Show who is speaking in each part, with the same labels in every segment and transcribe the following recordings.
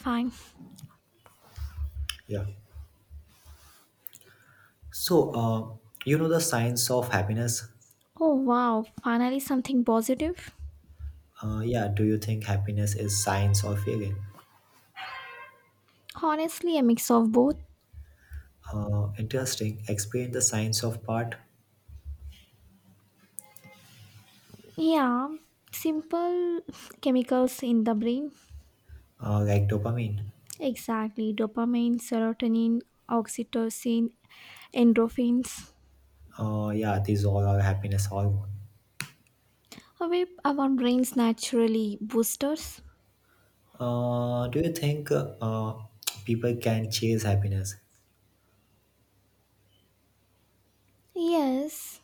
Speaker 1: Fine.
Speaker 2: Yeah. So, you know the science of happiness?
Speaker 1: Oh wow, finally something positive.
Speaker 2: Yeah. Do you think happiness is science or feeling?
Speaker 1: Honestly, a mix of both.
Speaker 2: Interesting. Explain the science of part,
Speaker 1: Yeah, simple chemicals in the brain.
Speaker 2: like dopamine.
Speaker 1: Exactly, dopamine, serotonin, oxytocin, endorphins.
Speaker 2: Yeah, these all are happiness hormone.
Speaker 1: Away our brains naturally boosters.
Speaker 2: Do you think people can chase happiness?
Speaker 1: Yes,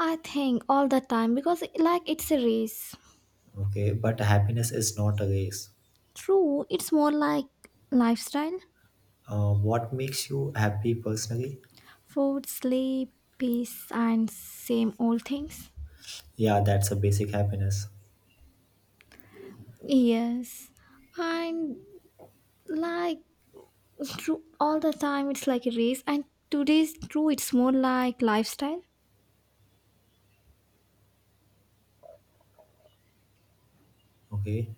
Speaker 1: I think all the time because like it's a race.
Speaker 2: Okay, but happiness is not a race.
Speaker 1: True, it's more like lifestyle,
Speaker 2: What makes you happy personally?
Speaker 1: food, sleep, peace, and same old things.
Speaker 2: Yeah, that's a basic happiness.
Speaker 1: Yes, and like true all the time, it's like a race. And today's true, it's more like lifestyle.
Speaker 2: Okay.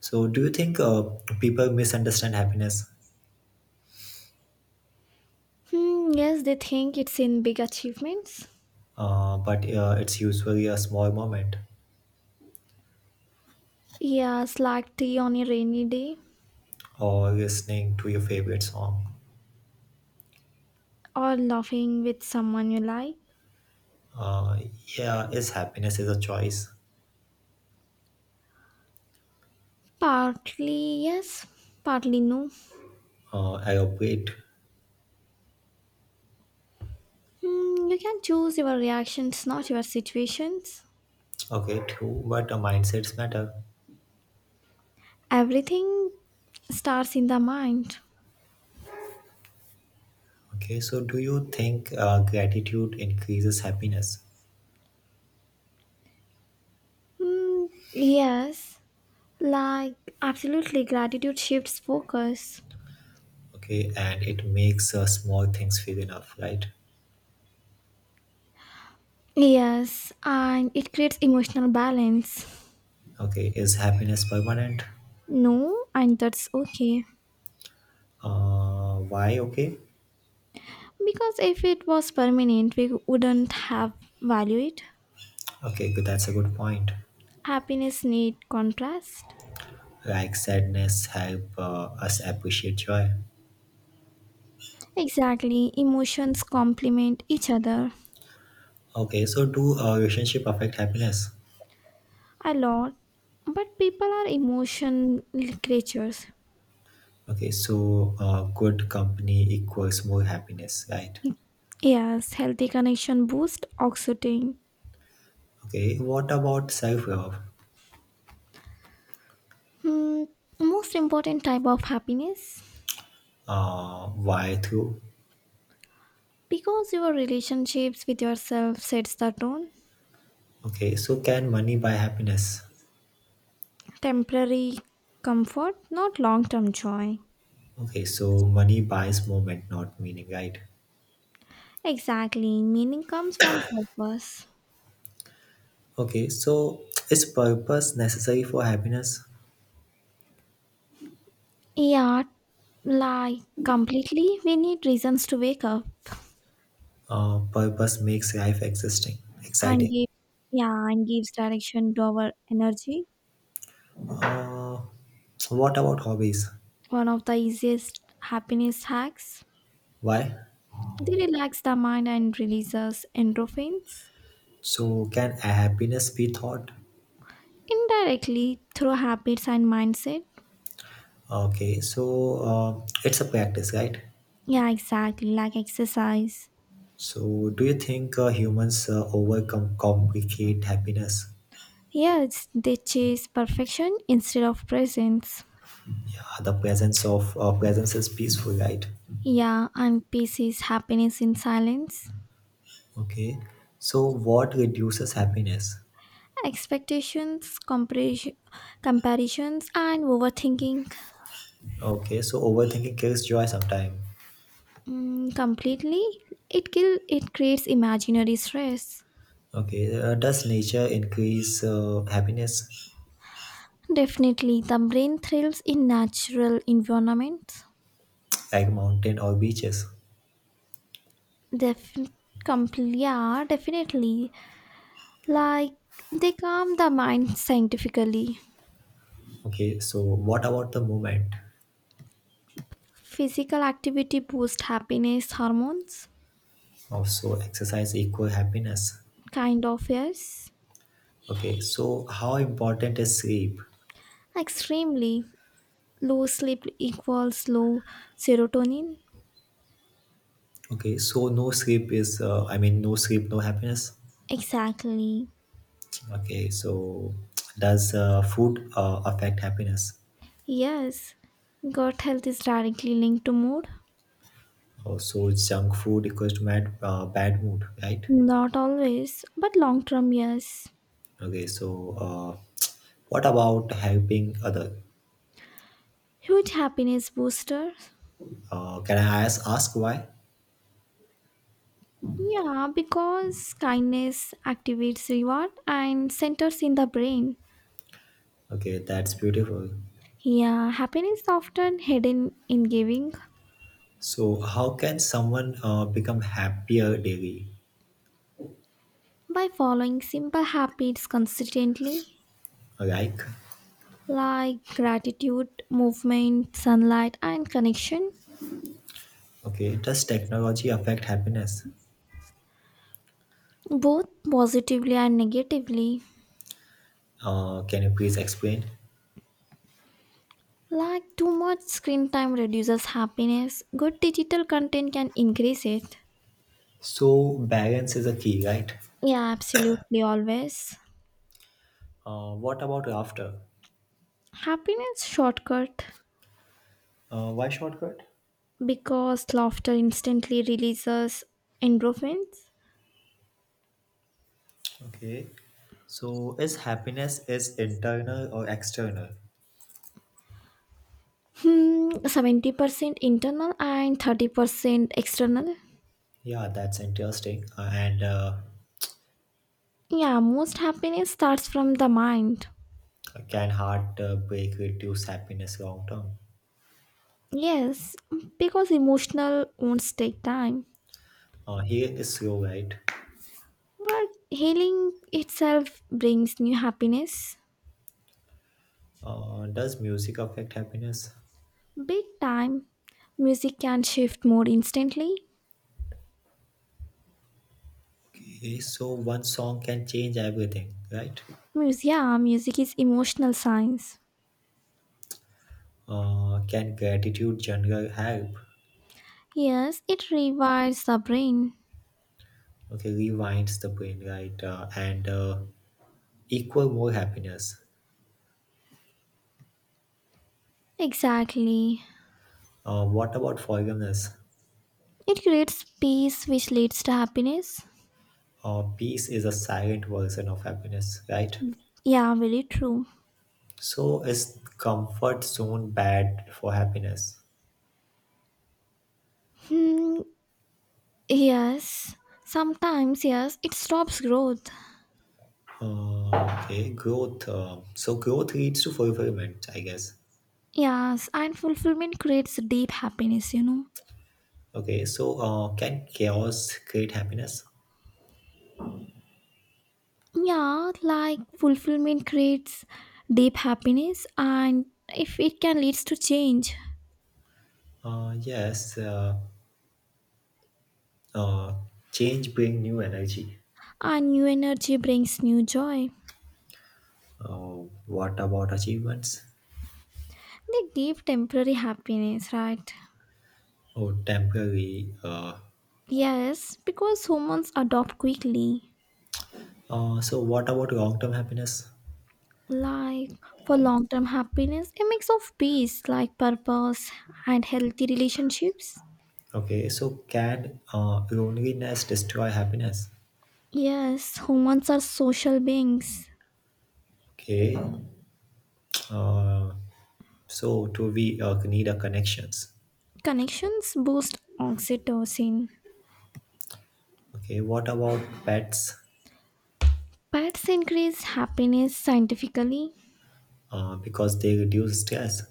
Speaker 2: So, do you think people misunderstand happiness?
Speaker 1: Yes, they think it's in big achievements.
Speaker 2: But it's usually a small moment
Speaker 1: Yes, like tea on a rainy day,
Speaker 2: or listening to your favorite song.
Speaker 1: or laughing with someone you like.
Speaker 2: Uh, yeah, is happiness is a choice.
Speaker 1: Partly yes, partly no.
Speaker 2: I operate.
Speaker 1: You can choose your reactions, not your situations.
Speaker 2: Okay, true, but mindsets matter.
Speaker 1: Everything starts in the mind.
Speaker 2: Okay, so do you think gratitude increases happiness?
Speaker 1: Hmm, yes. Like, absolutely, gratitude shifts focus.
Speaker 2: Okay, and it makes small things feel enough, right?
Speaker 1: Yes, and it creates emotional balance.
Speaker 2: Okay, is happiness permanent?
Speaker 1: No, and that's okay.
Speaker 2: Why? Okay,
Speaker 1: Because if it was permanent, we wouldn't have valued it.
Speaker 2: okay, good. That's a good point.
Speaker 1: Happiness need contrast.
Speaker 2: Like sadness help us appreciate joy.
Speaker 1: Exactly, emotions complement each other
Speaker 2: Okay, so do relationship affect happiness?
Speaker 1: a lot. But people are emotional creatures.
Speaker 2: Okay, so good company equals more happiness, right?
Speaker 1: Yes, healthy connection boost oxytocin.
Speaker 2: Okay, what about self love?
Speaker 1: Hmm, Most important type of happiness.
Speaker 2: Why through?
Speaker 1: Because your relationships with yourself sets the tone.
Speaker 2: Okay, so can money buy happiness?
Speaker 1: Temporary comfort, not long term joy.
Speaker 2: Okay, so money buys moment, not meaning, right?
Speaker 1: Exactly. Meaning comes from purpose.
Speaker 2: Okay, so is purpose necessary for happiness?
Speaker 1: Yeah, like completely, we need reasons to wake up
Speaker 2: Purpose makes life existing,
Speaker 1: and
Speaker 2: exciting.
Speaker 1: give yeah, and gives direction to our energy.
Speaker 2: Uh, what about hobbies?
Speaker 1: One of the easiest happiness hacks.
Speaker 2: Why?
Speaker 1: They relax the mind and releases endorphins
Speaker 2: So can happiness be thought?
Speaker 1: indirectly through habits and mindset.
Speaker 2: Okay, so it's a practice, right?
Speaker 1: Yeah, exactly, like exercise.
Speaker 2: So, do you think humans overcome complicate happiness?
Speaker 1: Yeah, it's, they chase perfection instead of presence.
Speaker 2: Yeah, the presence of presence is peaceful, right?
Speaker 1: Yeah, and peace is happiness in silence.
Speaker 2: Okay, so what reduces happiness?
Speaker 1: Expectations, comparison, comparisons, and overthinking
Speaker 2: Okay, so overthinking kills joy sometime.
Speaker 1: completely. It kill. It creates imaginary stress.
Speaker 2: Okay, does nature increase happiness
Speaker 1: Definitely, the brain thrives in natural environments.
Speaker 2: like mountain or beaches?
Speaker 1: Def, yeah, definitely. Like they calm the mind scientifically.
Speaker 2: Okay, so what about the movement?
Speaker 1: Physical activity boosts happiness hormones?
Speaker 2: Also, exercise equal happiness.
Speaker 1: Kind of, yes.
Speaker 2: Okay, so how important is sleep?
Speaker 1: Extremely. Low sleep equals low serotonin?
Speaker 2: Okay, so no sleep is, no sleep, no happiness.
Speaker 1: Exactly.
Speaker 2: Okay, so does food affect happiness?
Speaker 1: Yes. Gut health is directly linked to mood?
Speaker 2: Oh, so junk food equals to bad mood, right?
Speaker 1: Not always, but long term, yes.
Speaker 2: Okay, so what about helping other?
Speaker 1: Huge happiness booster?
Speaker 2: Can I ask why?
Speaker 1: Yeah, because kindness activates reward and centers in the brain.
Speaker 2: Okay, that's beautiful.
Speaker 1: Yeah, happiness is often hidden in giving.
Speaker 2: So how can someone become happier daily?
Speaker 1: By following simple habits consistently
Speaker 2: Like,
Speaker 1: like gratitude, movement, sunlight, and connection,
Speaker 2: okay, does technology affect happiness?
Speaker 1: both positively and negatively.
Speaker 2: Can you please explain?
Speaker 1: Like too much screen time reduces happiness, good digital content can increase it.
Speaker 2: So balance is a key, right?
Speaker 1: Yeah, absolutely, always.
Speaker 2: What about after?
Speaker 1: Happiness shortcut
Speaker 2: Why shortcut?
Speaker 1: because laughter instantly releases endorphins.
Speaker 2: Okay. So is happiness is internal or external?
Speaker 1: 70% internal and 30% external.
Speaker 2: Yeah, that's interesting. And
Speaker 1: Yeah, most happiness starts from the mind.
Speaker 2: Can heartbreak reduce happiness long term?
Speaker 1: Yes, because emotional wounds take time.
Speaker 2: Here is slow, right?
Speaker 1: But healing itself brings new happiness.
Speaker 2: Does music affect happiness?
Speaker 1: Big time. Music can shift more instantly.
Speaker 2: Okay, so one song can change everything, right?
Speaker 1: Music, yeah, music is emotional science.
Speaker 2: Can gratitude journal help?
Speaker 1: Yes, it rewires the brain.
Speaker 2: Okay, rewinds the brain, right? And Equal more happiness.
Speaker 1: Exactly.
Speaker 2: What about forgiveness?
Speaker 1: It creates peace which leads to happiness.
Speaker 2: Peace is a silent version of happiness, right?
Speaker 1: Yeah, very true.
Speaker 2: So is comfort zone bad for happiness?
Speaker 1: Hmm, yes. Sometimes, yes, it stops growth.
Speaker 2: Uh, okay, growth. So growth leads to fulfillment, I guess.
Speaker 1: Yes, and fulfillment creates deep happiness,
Speaker 2: Okay, so can chaos create happiness?
Speaker 1: Yeah, like fulfillment creates deep happiness, and if it can leads to change,
Speaker 2: Yes. Uh, Change bring new energy.
Speaker 1: and new energy brings new joy.
Speaker 2: What about achievements?
Speaker 1: They give temporary happiness, right?
Speaker 2: Oh, temporary.
Speaker 1: Yes, because humans adopt quickly.
Speaker 2: So what about long-term happiness?
Speaker 1: Like for long term happiness, a mix of peace, like purpose, and healthy relationships.
Speaker 2: Okay, so can loneliness destroy happiness?
Speaker 1: Yes, humans are social beings.
Speaker 2: Okay, uh, so do we need a connections?
Speaker 1: Connections boost oxytocin.
Speaker 2: Okay, what about pets?
Speaker 1: Pets increase happiness scientifically.
Speaker 2: Because they reduce stress.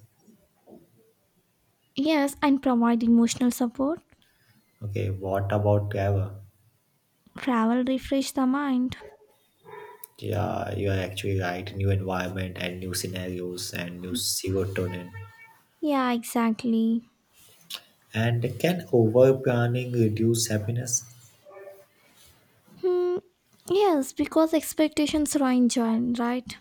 Speaker 1: Yes, and provide emotional support.
Speaker 2: Okay, what about travel?
Speaker 1: Travel refresh the mind.
Speaker 2: Yeah, you are actually right. New environment and new scenarios and new serotonin.
Speaker 1: Yeah, exactly.
Speaker 2: And can over planning reduce happiness?
Speaker 1: Hmm. Yes, because expectations are enjoyed, right?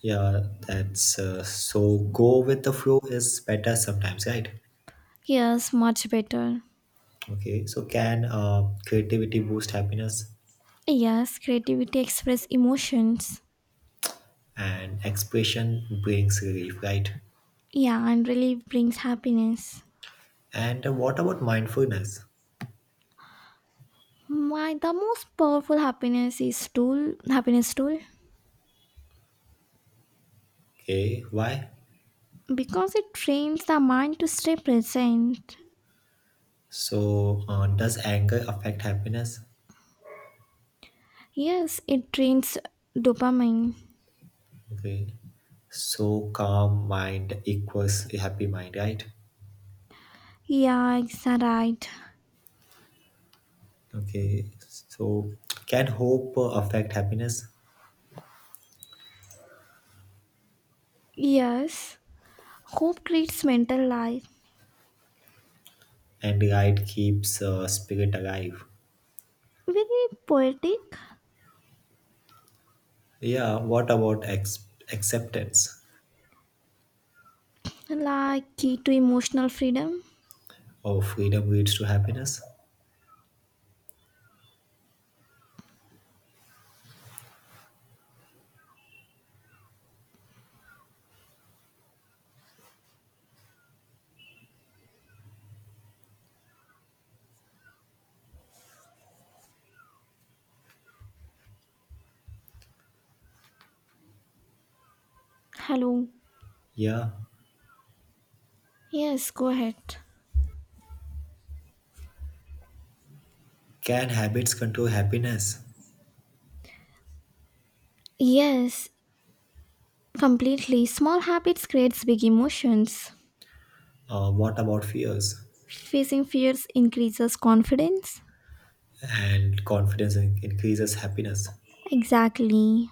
Speaker 2: Yeah, that's so. Go with the flow is better sometimes, right?
Speaker 1: Yes, much better.
Speaker 2: Okay, so can creativity boost happiness
Speaker 1: Yes, creativity express emotions.
Speaker 2: and expression brings relief, right?
Speaker 1: Yeah, and relief brings happiness.
Speaker 2: And what about mindfulness?
Speaker 1: My the most powerful happiness is tool happiness tool,
Speaker 2: Okay, why?
Speaker 1: because it trains the mind to stay present.
Speaker 2: So, does anger affect happiness?
Speaker 1: Yes, it drains dopamine.
Speaker 2: Okay, so calm mind equals a happy mind, right?
Speaker 1: Yeah, it's a right.
Speaker 2: Okay, so can hope affect happiness?
Speaker 1: Yes, hope creates mental life.
Speaker 2: And right keeps spirit alive.
Speaker 1: Very poetic,
Speaker 2: Yeah, what about acceptance?
Speaker 1: like key to emotional freedom.
Speaker 2: Or freedom leads to happiness?
Speaker 1: Hello.
Speaker 2: Yeah,
Speaker 1: Yes, go ahead.
Speaker 2: can habits control happiness?
Speaker 1: Yes, completely. Small habits creates big emotions.
Speaker 2: What about fears?
Speaker 1: Facing fears increases confidence.
Speaker 2: And confidence increases happiness.
Speaker 1: Exactly.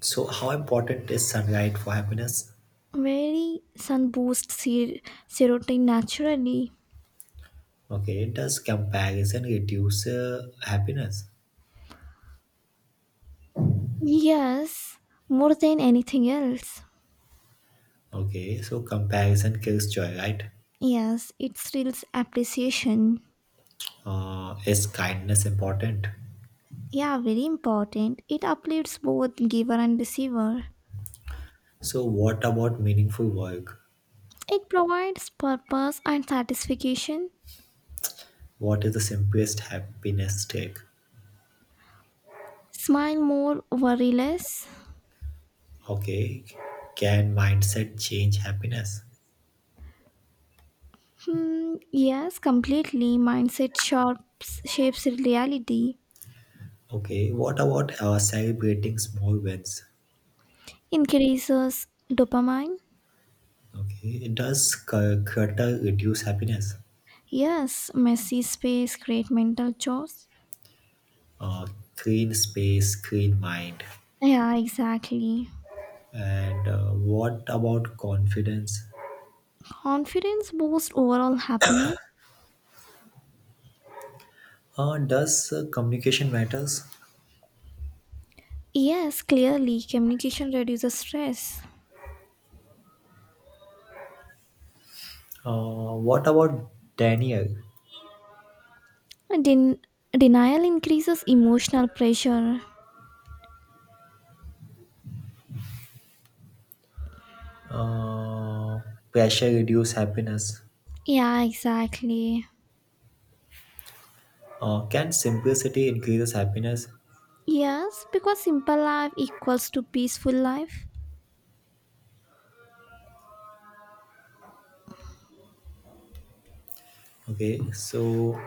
Speaker 2: So, how important is sunlight for happiness?
Speaker 1: Very sun boosts serotonin naturally.
Speaker 2: Okay, does comparison reduce happiness?
Speaker 1: Yes, more than anything else.
Speaker 2: Okay, so comparison kills joy, right?
Speaker 1: Yes, it steals appreciation.
Speaker 2: Is kindness important?
Speaker 1: Yeah, very important. It uplifts both giver and receiver.
Speaker 2: So, what about meaningful work?
Speaker 1: It provides purpose and satisfaction.
Speaker 2: What is the simplest happiness trick?
Speaker 1: Smile more, worry less.
Speaker 2: Okay, can mindset change happiness?
Speaker 1: Yes, completely. Mindset sharps, shapes reality.
Speaker 2: Okay, what about celebrating small wins?
Speaker 1: Increases dopamine.
Speaker 2: Okay, does clutter reduce happiness?
Speaker 1: Yes, messy space, create mental chores.
Speaker 2: Uh, Clean space, clean mind.
Speaker 1: Yeah, exactly.
Speaker 2: And what about confidence?
Speaker 1: Confidence boosts overall happiness.
Speaker 2: Does communication matters?
Speaker 1: Yes, clearly, communication reduces stress.
Speaker 2: What about Daniel?
Speaker 1: And denial increases emotional pressure.
Speaker 2: Uh, Pressure reduce happiness.
Speaker 1: Yeah, exactly.
Speaker 2: Can simplicity increases happiness?
Speaker 1: Yes, because simple life equals to peaceful life.
Speaker 2: Okay, so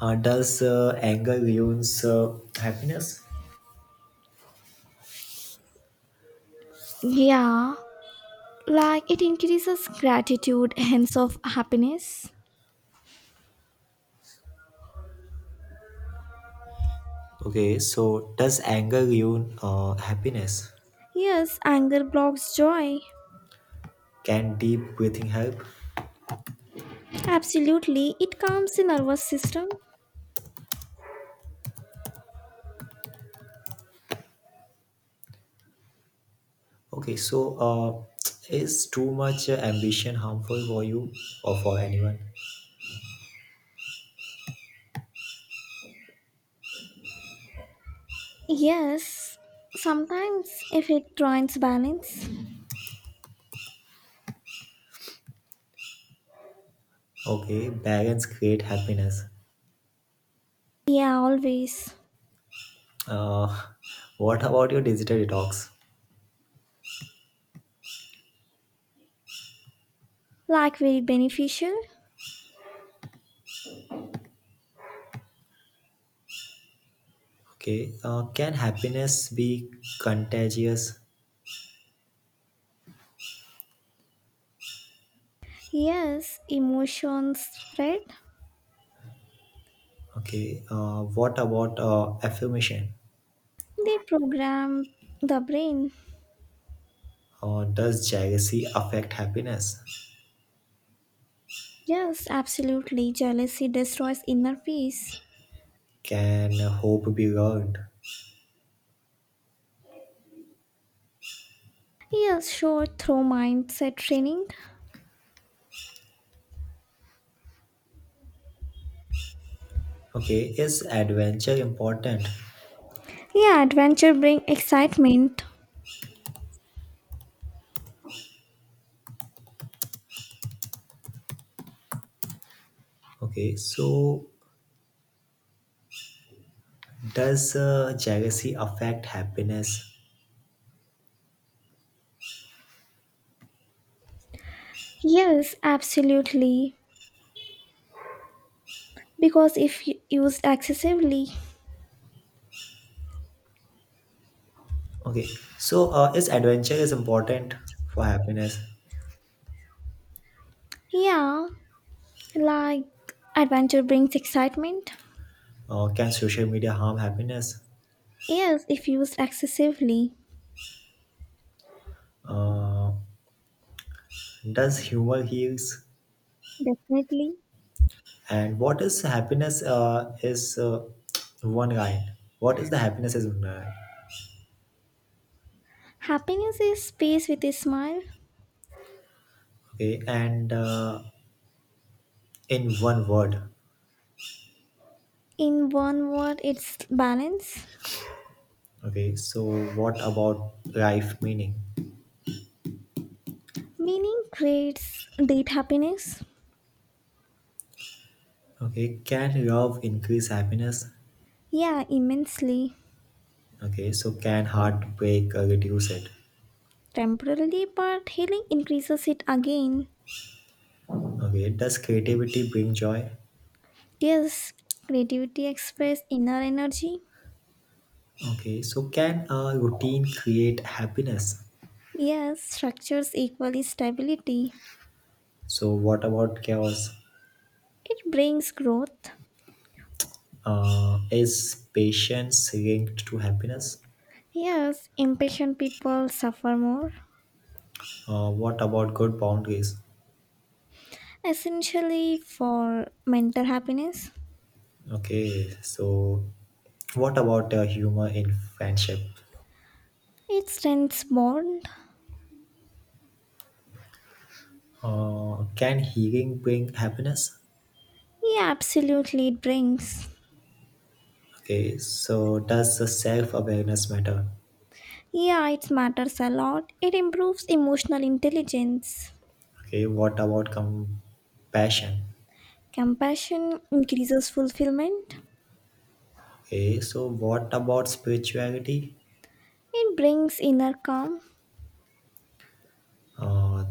Speaker 2: does anger ruins happiness?
Speaker 1: Yeah, like it increases gratitude, hence of happiness.
Speaker 2: Okay, so does anger ruin happiness?
Speaker 1: Yes, anger blocks joy.
Speaker 2: Can deep breathing help?
Speaker 1: Absolutely, it calms the nervous system.
Speaker 2: Okay, so is too much ambition harmful for you or for anyone?
Speaker 1: Yes, sometimes if it joins balance.
Speaker 2: Okay, balance create happiness.
Speaker 1: Yeah, always.
Speaker 2: Uh, what about your digital detox?
Speaker 1: Like very beneficial.
Speaker 2: Okay, can happiness be contagious?
Speaker 1: Yes, emotions spread.
Speaker 2: Okay, what about affirmation?
Speaker 1: They program the brain.
Speaker 2: Does jealousy affect happiness?
Speaker 1: Yes, absolutely. Jealousy destroys inner peace.
Speaker 2: Can hope be learned?
Speaker 1: Yes, sure. Through mindset training.
Speaker 2: Okay, is adventure important?
Speaker 1: Yeah, adventure brings excitement.
Speaker 2: Okay, so does jealousy affect happiness?
Speaker 1: Yes, absolutely. Because if used excessively,
Speaker 2: Okay, so is adventure is important for happiness?
Speaker 1: yeah, like adventure brings excitement.
Speaker 2: Can social media harm happiness?
Speaker 1: Yes, if used excessively,
Speaker 2: uh, does humor heals?
Speaker 1: definitely.
Speaker 2: And what is happiness is one line, what is the happiness is one line?
Speaker 1: Happiness is peace with a smile.
Speaker 2: Okay, and in one word?
Speaker 1: In one word, it's balance.
Speaker 2: Okay, so what about life meaning?
Speaker 1: Meaning creates date happiness?
Speaker 2: Okay, can love increase happiness?
Speaker 1: Yeah, immensely.
Speaker 2: Okay, so can heartbreak reduce it?
Speaker 1: Temporarily, but healing increases it again.
Speaker 2: Okay, does creativity bring joy?
Speaker 1: Yes, creativity expresses inner energy.
Speaker 2: Okay, so can a routine create happiness?
Speaker 1: Yes, structures equally stability.
Speaker 2: So, what about chaos?
Speaker 1: It brings growth.
Speaker 2: Is patience linked to happiness?
Speaker 1: Yes, impatient people suffer more.
Speaker 2: What about good boundaries?
Speaker 1: Essentially, for mental happiness,
Speaker 2: Okay, so what about humor in friendship?
Speaker 1: it strengthens bond.
Speaker 2: Can healing bring happiness?
Speaker 1: Yeah, absolutely, it brings.
Speaker 2: Okay, so does the self awareness matter?
Speaker 1: Yeah, it matters a lot. It improves emotional intelligence.
Speaker 2: Okay, what about compassion?
Speaker 1: Compassion increases fulfillment.
Speaker 2: Okay, so what about spirituality?
Speaker 1: It brings inner calm.
Speaker 2: uh,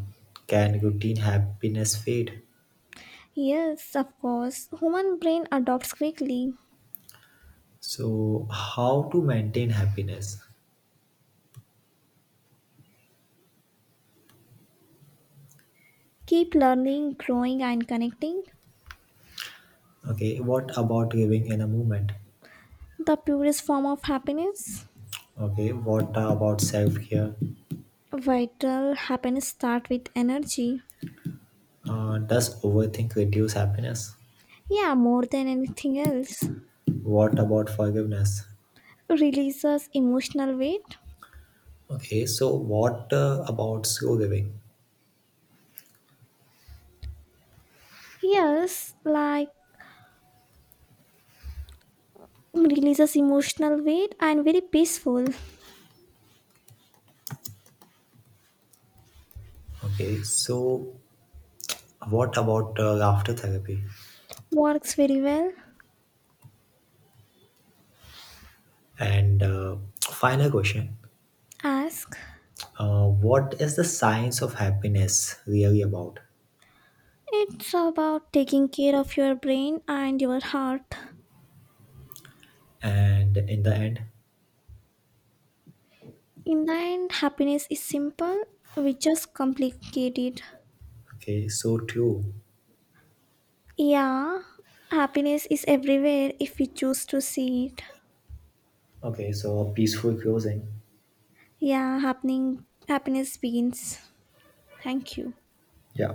Speaker 2: can routine happiness fade?
Speaker 1: Yes, of course. Human brain adopts quickly.
Speaker 2: So how to maintain happiness?
Speaker 1: Keep learning, growing and connecting.
Speaker 2: Okay, what about living in a moment?
Speaker 1: The purest form of happiness.
Speaker 2: Okay, what about self-care?
Speaker 1: Vital happiness start with energy.
Speaker 2: Does overthink reduce happiness?
Speaker 1: Yeah, more than anything else.
Speaker 2: What about forgiveness?
Speaker 1: Releases emotional weight.
Speaker 2: Okay, so what about slow living?
Speaker 1: Yes, like releases emotional weight and very peaceful.
Speaker 2: Okay, so what about laughter therapy?
Speaker 1: Works very well.
Speaker 2: And final question.
Speaker 1: Ask.
Speaker 2: What is the science of happiness really about?
Speaker 1: It's about taking care of your brain and your heart.
Speaker 2: And in the end.
Speaker 1: In the end, happiness is simple, we just complicate it.
Speaker 2: Okay, so true.
Speaker 1: Yeah, happiness is everywhere if we choose to see it.
Speaker 2: Okay, so peaceful closing.
Speaker 1: Yeah, happening happiness begins. Thank you.
Speaker 2: Yeah.